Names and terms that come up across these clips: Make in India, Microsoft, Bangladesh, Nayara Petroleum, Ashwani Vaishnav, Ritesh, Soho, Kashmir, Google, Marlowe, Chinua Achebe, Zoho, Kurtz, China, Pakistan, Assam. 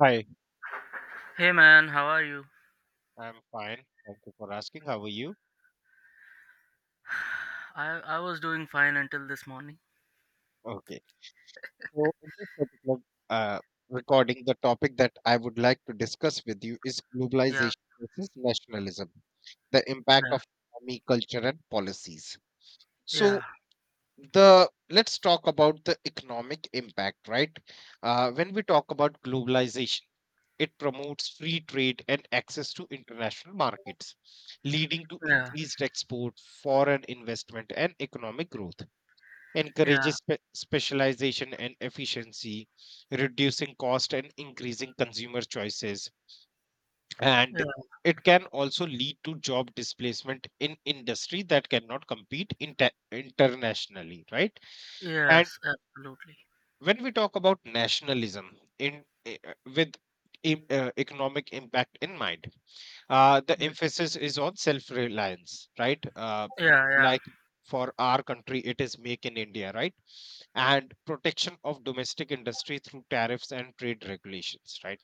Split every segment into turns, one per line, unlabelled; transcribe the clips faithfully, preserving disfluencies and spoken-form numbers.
Hi,
Hey man, how are you?
I'm fine. Thank you for asking. How are you?
I I was doing fine until this morning.
Okay. So, in this particular uh, recording, the topic that I would like to discuss with you is
Yeah,
globalization versus nationalism, the impact
yeah,
of economy, culture, and policies.
yeah,
So, the let's talk about the economic impact, right? Uh, when we talk about globalization, it promotes free trade and access to international markets, leading to
yeah,
increased export, foreign investment, and economic growth
yeah,
encourages spe- specialization and efficiency, reducing cost and increasing consumer choices. And
yeah.
it can also lead to job displacement in industry that cannot compete inter- internationally, right? And
Yes, absolutely.
when we talk about nationalism in eh, uh, with e- uh, economic impact in mind, uh, the
Yeah,
emphasis is on self-reliance, right? Uh,
yeah, yeah,
like for our country, it is Make in India, right? And protection of domestic industry through tariffs and trade regulations, right?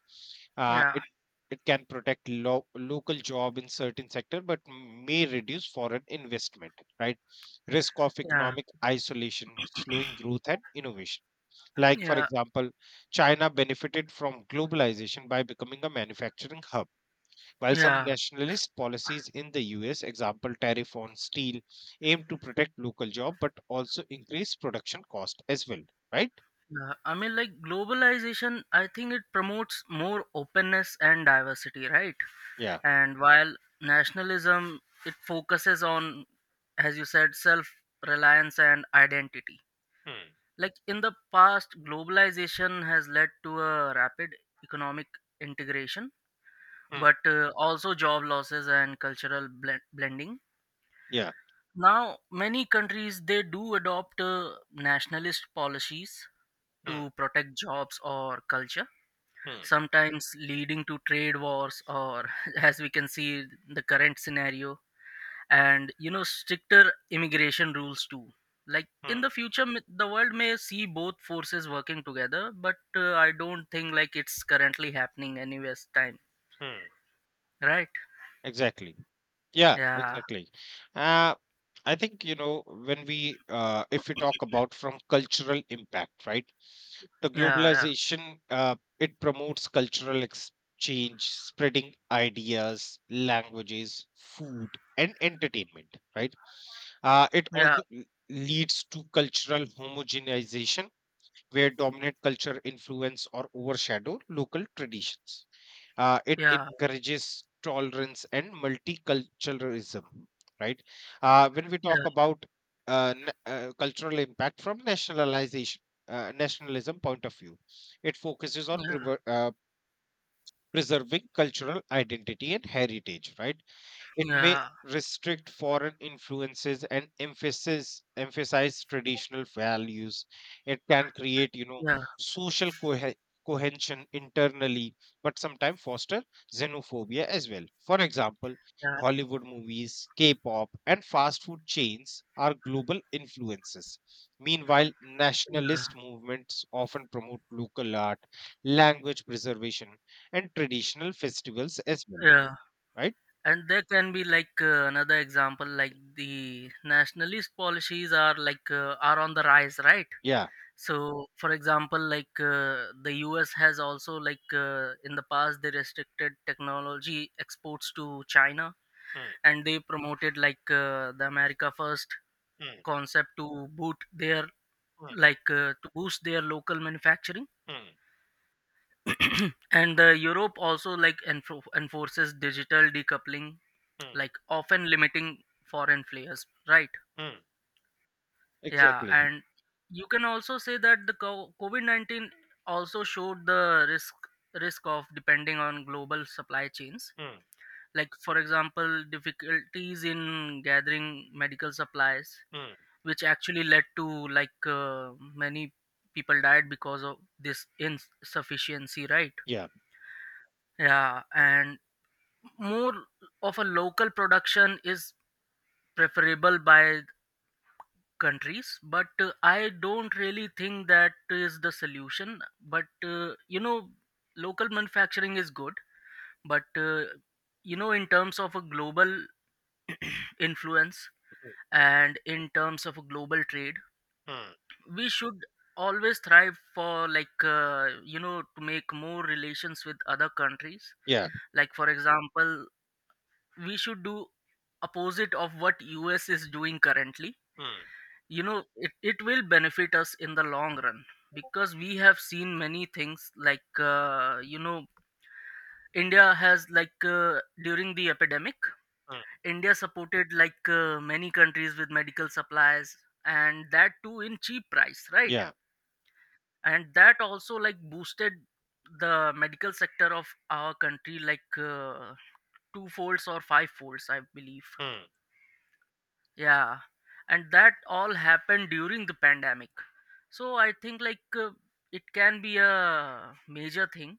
Uh,
yeah,
it it can protect lo- local job in certain sector, but may reduce foreign investment, right? Risk of
yeah,
economic isolation, slowing growth and innovation. Like for
yeah,
example, China benefited from globalization by becoming a manufacturing hub while some
yeah,
nationalist policies in the U S, example tariff on steel, aim to protect local job but also increase production cost as well, right?
yeah. I mean, like globalization, I think it promotes more openness and diversity, right?
Yeah,
And while nationalism, it focuses on, as you said, self reliance and identity.
hmm.
Like in the past, globalization has led to a rapid economic integration,
Hmm,
but uh, also job losses and cultural blend- blending.
yeah,
Now, many countries they do adopt uh, nationalist policies
hmm.
to protect jobs or culture,
Hmm,
sometimes leading to trade wars or, as we can see, the current scenario and you know stricter immigration rules too, like
hmm.
in the future m- the world may see both forces working together, but uh, I don't think like it's currently happening anyways time,
Hmm,
right?
exactly. Yeah,
yeah
exactly. Uh, I think you know when we uh, if we talk about from cultural impact, right? The
yeah,
globalization uh, it promotes cultural exchange, spreading ideas, languages, food and entertainment, right? uh, it
yeah,
also l- leads to cultural homogenization, where dominant culture influence or overshadow local traditions. Uh, it
yeah,
encourages tolerance and multiculturalism, right? Uh, when we
yeah,
talk about uh, n- uh, cultural impact from nationalization, uh, nationalism point of view, it focuses on
yeah,
prever- uh, preserving cultural identity and heritage, right? It may
yeah,
restrict foreign influences and emphasis emphasize traditional values. It can create, you know,
yeah,
social cohe- cohesion internally, but sometimes foster xenophobia as well. For example,
yeah, yeah,
Hollywood movies, K-pop, and fast food chains are global influences. Meanwhile,
yeah,
nationalist movements often promote local art, language preservation, and traditional festivals as well.
yeah.
Right?
And there can be like uh, another example like the nationalist policies are like uh, are on the rise, right?
Yeah.
So, for example, like uh, the U S has also like uh, in the past they restricted technology exports to China, and they promoted like uh, the America First
Mm,
concept to boot their,
mm,
like uh, to boost their local manufacturing.
mm,
And uh, Europe also like enfor enforces digital decoupling,
mm,
like often limiting foreign players, right?
mm.
Yeah,
Exactly.
and you can also say that the co- COVID nineteen also showed the risk risk of depending on global supply chains.
Mm,
Like for example, difficulties in gathering medical supplies,
mm.
which actually led to like uh, many people died because of this insufficiency, right?
Yeah.
Yeah, and more of a local production is preferable by countries, but uh, I don't really think that is the solution. But uh, you know, local manufacturing is good, but uh, you know, in terms of a global influence
Mm,
and in terms of a global trade,
mm.
we should always thrive for, like uh, you know, to make more relations with other countries.
Yeah.
Like for example, we should do opposite of what US is doing currently.
Mm,
You know it, it will benefit us in the long run, because we have seen many things like uh, you know, India has like uh, during the epidemic,
mm.
India supported like uh, many countries with medical supplies, and that too in cheap price, right?
Yeah.
And that also like boosted the medical sector of our country like uh, two folds or five folds, I believe.
Mm,
Yeah, and that all happened during the pandemic. So I think like uh, it can be a major thing,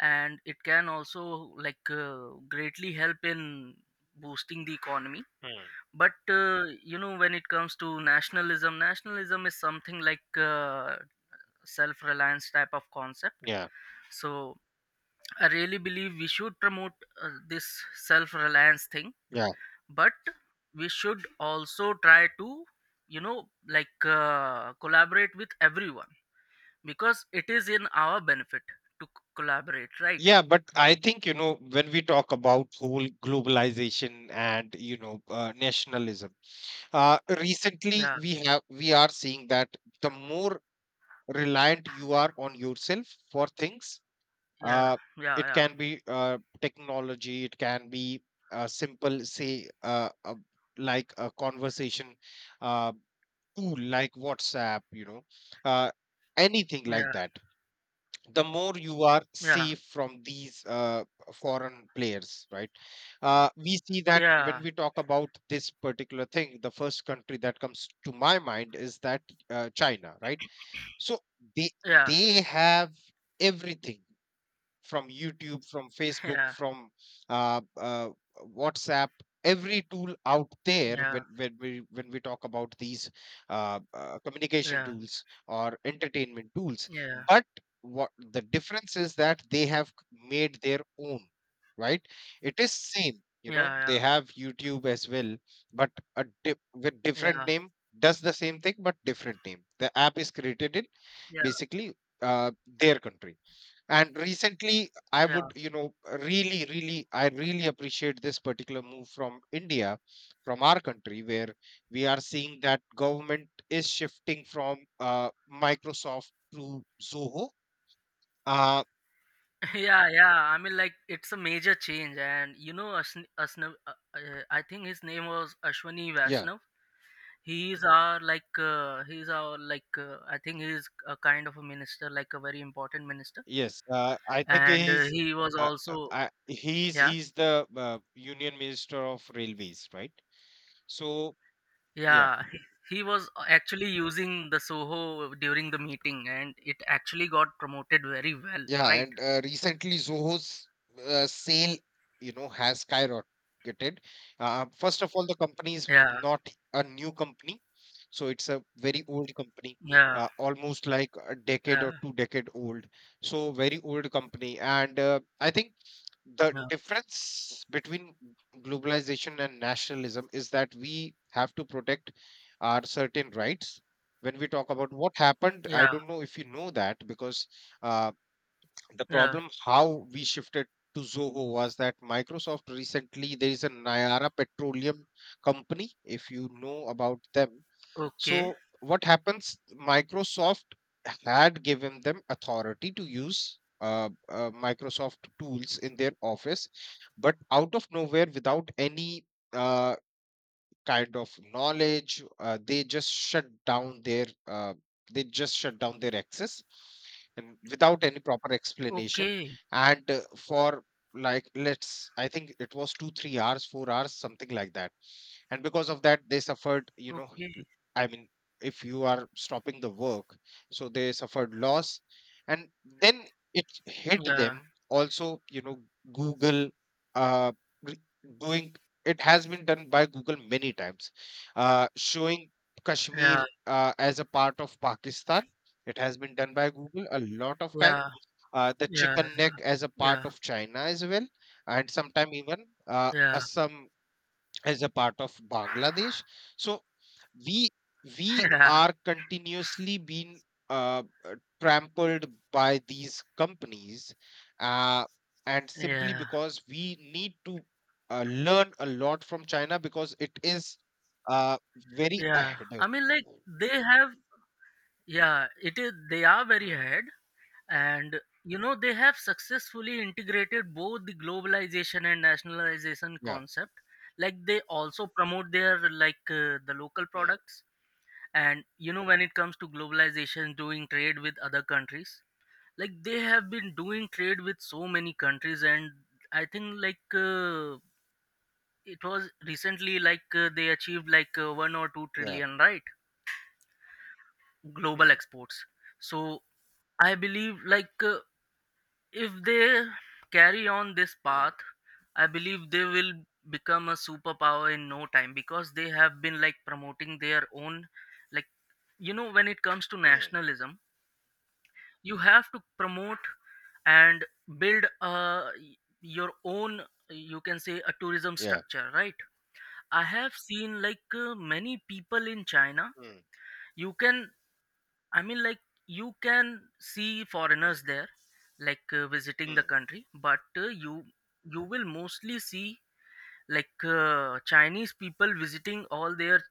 and it can also like uh, greatly help in boosting the economy.
mm.
But uh, you know, when it comes to nationalism, nationalism is something like uh, self-reliance type of concept.
Yeah,
So I really believe we should promote uh, this self-reliance thing,
yeah,
but we should also try to, you know, like uh, collaborate with everyone, because it is in our benefit to c- collaborate, right?
yeah. But I think, you know, when we talk about whole globalization and, you know, uh, nationalism, uh, recently
Yeah,
we have we are seeing that the more reliant you are on yourself for things,
yeah,
uh, it
yeah,
can be uh, technology, it can be uh, simple say uh, uh, like a conversation uh, tool like whatsapp, you know, uh, anything
yeah,
like that, the more you are
yeah,
safe from these uh, foreign players, right? Uh, we see that when
yeah,
we talk about this particular thing, the first country that comes to my mind is that uh, china, right? So they
yeah,
they have everything, from youtube, from facebook,
yeah,
from uh, uh, whatsapp, every tool out there when, when we when we talk about these uh, uh,
yeah,
communication
yeah,
tools or entertainment tools.
yeah,
But what the difference is that they have made their own, right? It is same, you know,
yeah,
they have youtube as well, but a dip, with
yeah,
different
yeah,
name, does the same thing, but different name. The app is created in
yeah,
basically uh, their country. And recently I
yeah.
would, you know, really really I really appreciate this particular move from india, from our country, where we are seeing that government is shifting from uh, microsoft to zoho. uh
Yeah, yeah, I mean, like it's a major change. And you know, Ashn- Ashna- uh, uh, I think his name was ashwani
yeah,
vaishnav. He's our like uh, he's our like uh, I think he's a kind of a minister, like a very important minister,
yes, uh, I think
and uh,
he's
he was
uh, uh,
also,
I, he's
yeah,
he's the uh, union minister of railways, right? So yeah.
yeah, he, he was actually using the Soho during the meeting, and it actually got promoted very well,
Yeah,
right?
and uh, recently Zoho's uh, sale, you know, has skyrocketed. Uh, first of all, the company is
Yeah,
not a new company, so it's a very old company,
yeah,
uh, almost like a decade
yeah,
or two decade old. So very old company, and uh, I think the
yeah,
difference between globalization and nationalism is that we have to protect our certain rights. When we talk about what happened, I
yeah,
don't know if you know that because uh, the
yeah,
problem how we shifted to Zoho was that Microsoft recently there is a Nayara Petroleum company, if you know about them.
okay,
So what happens? Microsoft had given them authority to use uh, uh, Microsoft tools in their office, but out of nowhere, without any uh, kind of knowledge, uh, they just shut down their uh, they just shut down their access, and without any proper explanation.
okay,
And uh, for, like, let's, I think it was two three hours four hours, something like that, and because of that, they suffered, you know, l-
okay,
I mean, if you are stopping the work, so they suffered loss. And then it hit
yeah,
them also. You know, google uh re- doing it has been done by Google many times, uh, showing
yeah,
Kashmir uh, as a part of Pakistan. It has been done by Google a lot of
yeah,
time. Uh, the
yeah,
chicken neck as a part
yeah,
of China as well, and sometime even uh,
yeah,
Assam as a part of Bangladesh. So we we
yeah,
are continuously being uh, uh, trampled by these companies, uh, and simply
yeah,
because we need to uh, learn a lot from china, because it is uh, very
yeah.
ahead of us.
I mean, like they have. Yeah, it is. They are very
Hmm,
ahead, and you know they have successfully integrated both the globalization and nationalization
yeah.
concept. Like they also promote their like uh, the local
Hmm,
products, and you know when it comes to globalization, doing trade with other countries. Like they have been doing trade with so many countries, and I think like uh, it was recently like uh, they achieved like uh, one or two
yeah.
trillion right, global
Hmm,
exports. So I believe like. Uh, If they carry on this
hmm,
path, I believe they will become a superpower in no time, because they have been like promoting their own, like, you know, when it comes to
hmm,
nationalism, you have to promote and build uh, your own, you can say, a tourism
yeah.
structure, right? I have seen like uh, many people in China.
Hmm,
You can, I mean, like you can see
hmm,
foreigners there, like uh, visiting the
hmm,
country, but uh, you you will mostly see like uh, Chinese people visiting all their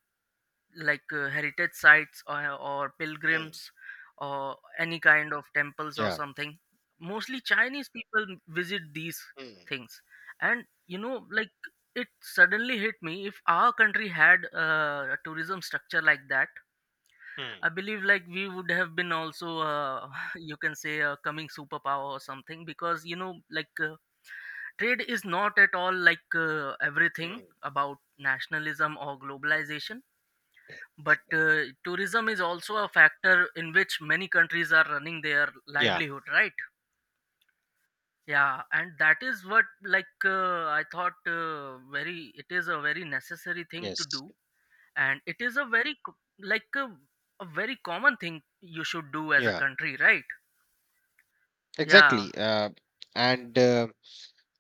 like uh, heritage sites or, or
hmm,
pilgrims or any kind of temples or
yeah.
something. Mostly Chinese people visit these
Hmm,
things, and you know, like, it suddenly hit me, if our country had uh, a tourism structure like that,
hmm,
I believe like we would have been also uh, you can say a coming superpower or something, because you know like uh, trade is not at all like uh, everything
hmm,
about nationalism or globalization, but uh, tourism is also a factor in which many countries are running their
yeah.
livelihood, right? Yeah, and that is what like uh, I thought uh, very, it is a very necessary thing to
Yes,
do, and it is a very co- like a, a very common thing you should do as a
yeah,
country, right? Yeah,
exactly. uh, and uh,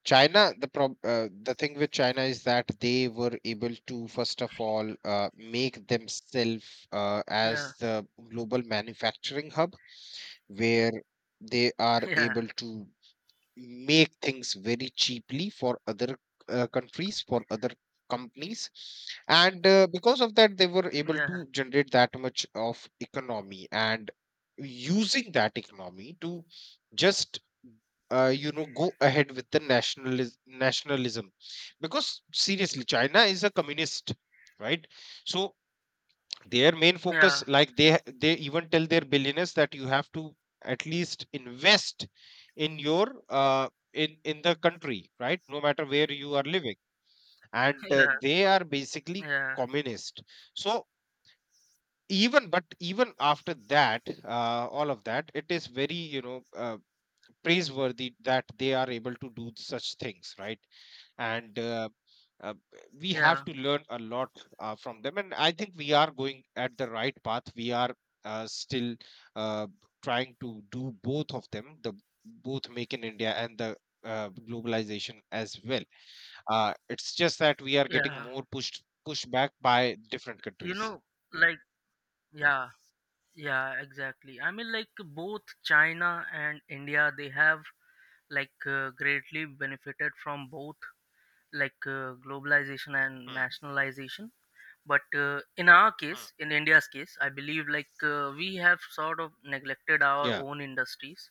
China, the prob uh, the thing with China is that they were able to, first of all, uh, make themselves uh,
yeah,
as the global manufacturing hub, where they are
yeah,
able to make things very cheaply for other uh, countries, for other companies. And uh, because of that, they were able
yeah,
to generate that much of economy, and using that economy to just uh, you know, go ahead with the nationalism nationalism, because seriously china is a communist, right? So their main
yeah,
focus, like they ha- they even tell their billionaires that you have to at least invest in your uh, in in the country, right, no matter where you are living. And uh,
yeah,
they are basically
yeah,
communist. So even, but even after that uh, all of that, it is very, you know, uh, praiseworthy that they are able to do such things, right? And uh, uh, we have
yeah,
to learn a lot uh, from them, and I think we are going at the right path. We are uh, still uh, trying to do both of them, the both make in india and the uh, globalization as well. Uh, it's just that we are getting
yeah.
more pushed pushed back by different
You
countries.
know, like, yeah, yeah, exactly. I mean, like, both China and India, they have like uh, greatly benefited from both, like uh, globalization and
Hmm,
nationalization. But uh, in our
hmm.
case, in India's case, I believe like uh, we have sort of neglected our
Yeah,
own industries,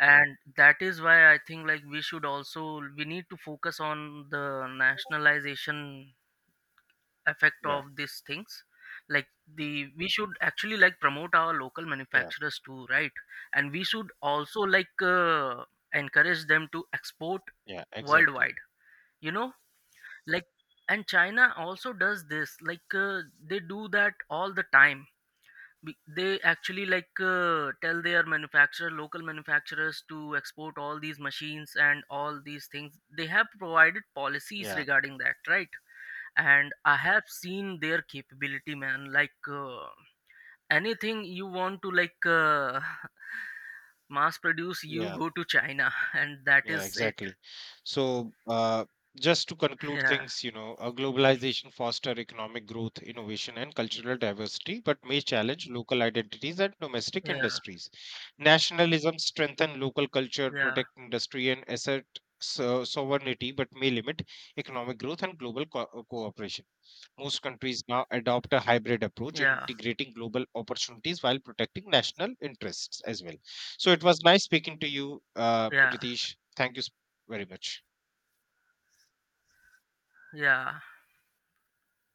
and that is why I think like we should also we need to focus on the nationalization effect
yeah,
of these things. Like the we should actually like promote our local
yeah,
manufacturers too, right? And we should also like uh, encourage them to export
yeah, exactly,
worldwide, you know, like. And China also does this, like uh, they do that all the time. Be- they actually like uh, tell their manufacturer local manufacturers to export all these machines and all these things. They have provided policies
yeah,
regarding that, right? And I have seen their capability, man, like uh, anything you want to like uh, mass produce, you
yeah.
go to China and that
Yeah,
is it.
exactly. So, uh, just to conclude
Yeah,
things, you know, uh, globalization foster economic growth, innovation, and cultural diversity, but may challenge local identities and domestic
yeah,
industries. Nationalism strengthen local culture,
yeah,
protect industry, and assert so- sovereignty, but may limit economic growth and global co- cooperation. Most countries now adopt a hybrid approach,
yeah,
integrating global opportunities while protecting national interests as well. So it was nice speaking to you, uh,
yeah,
Ritesh. Thank you s- very much.
yeah.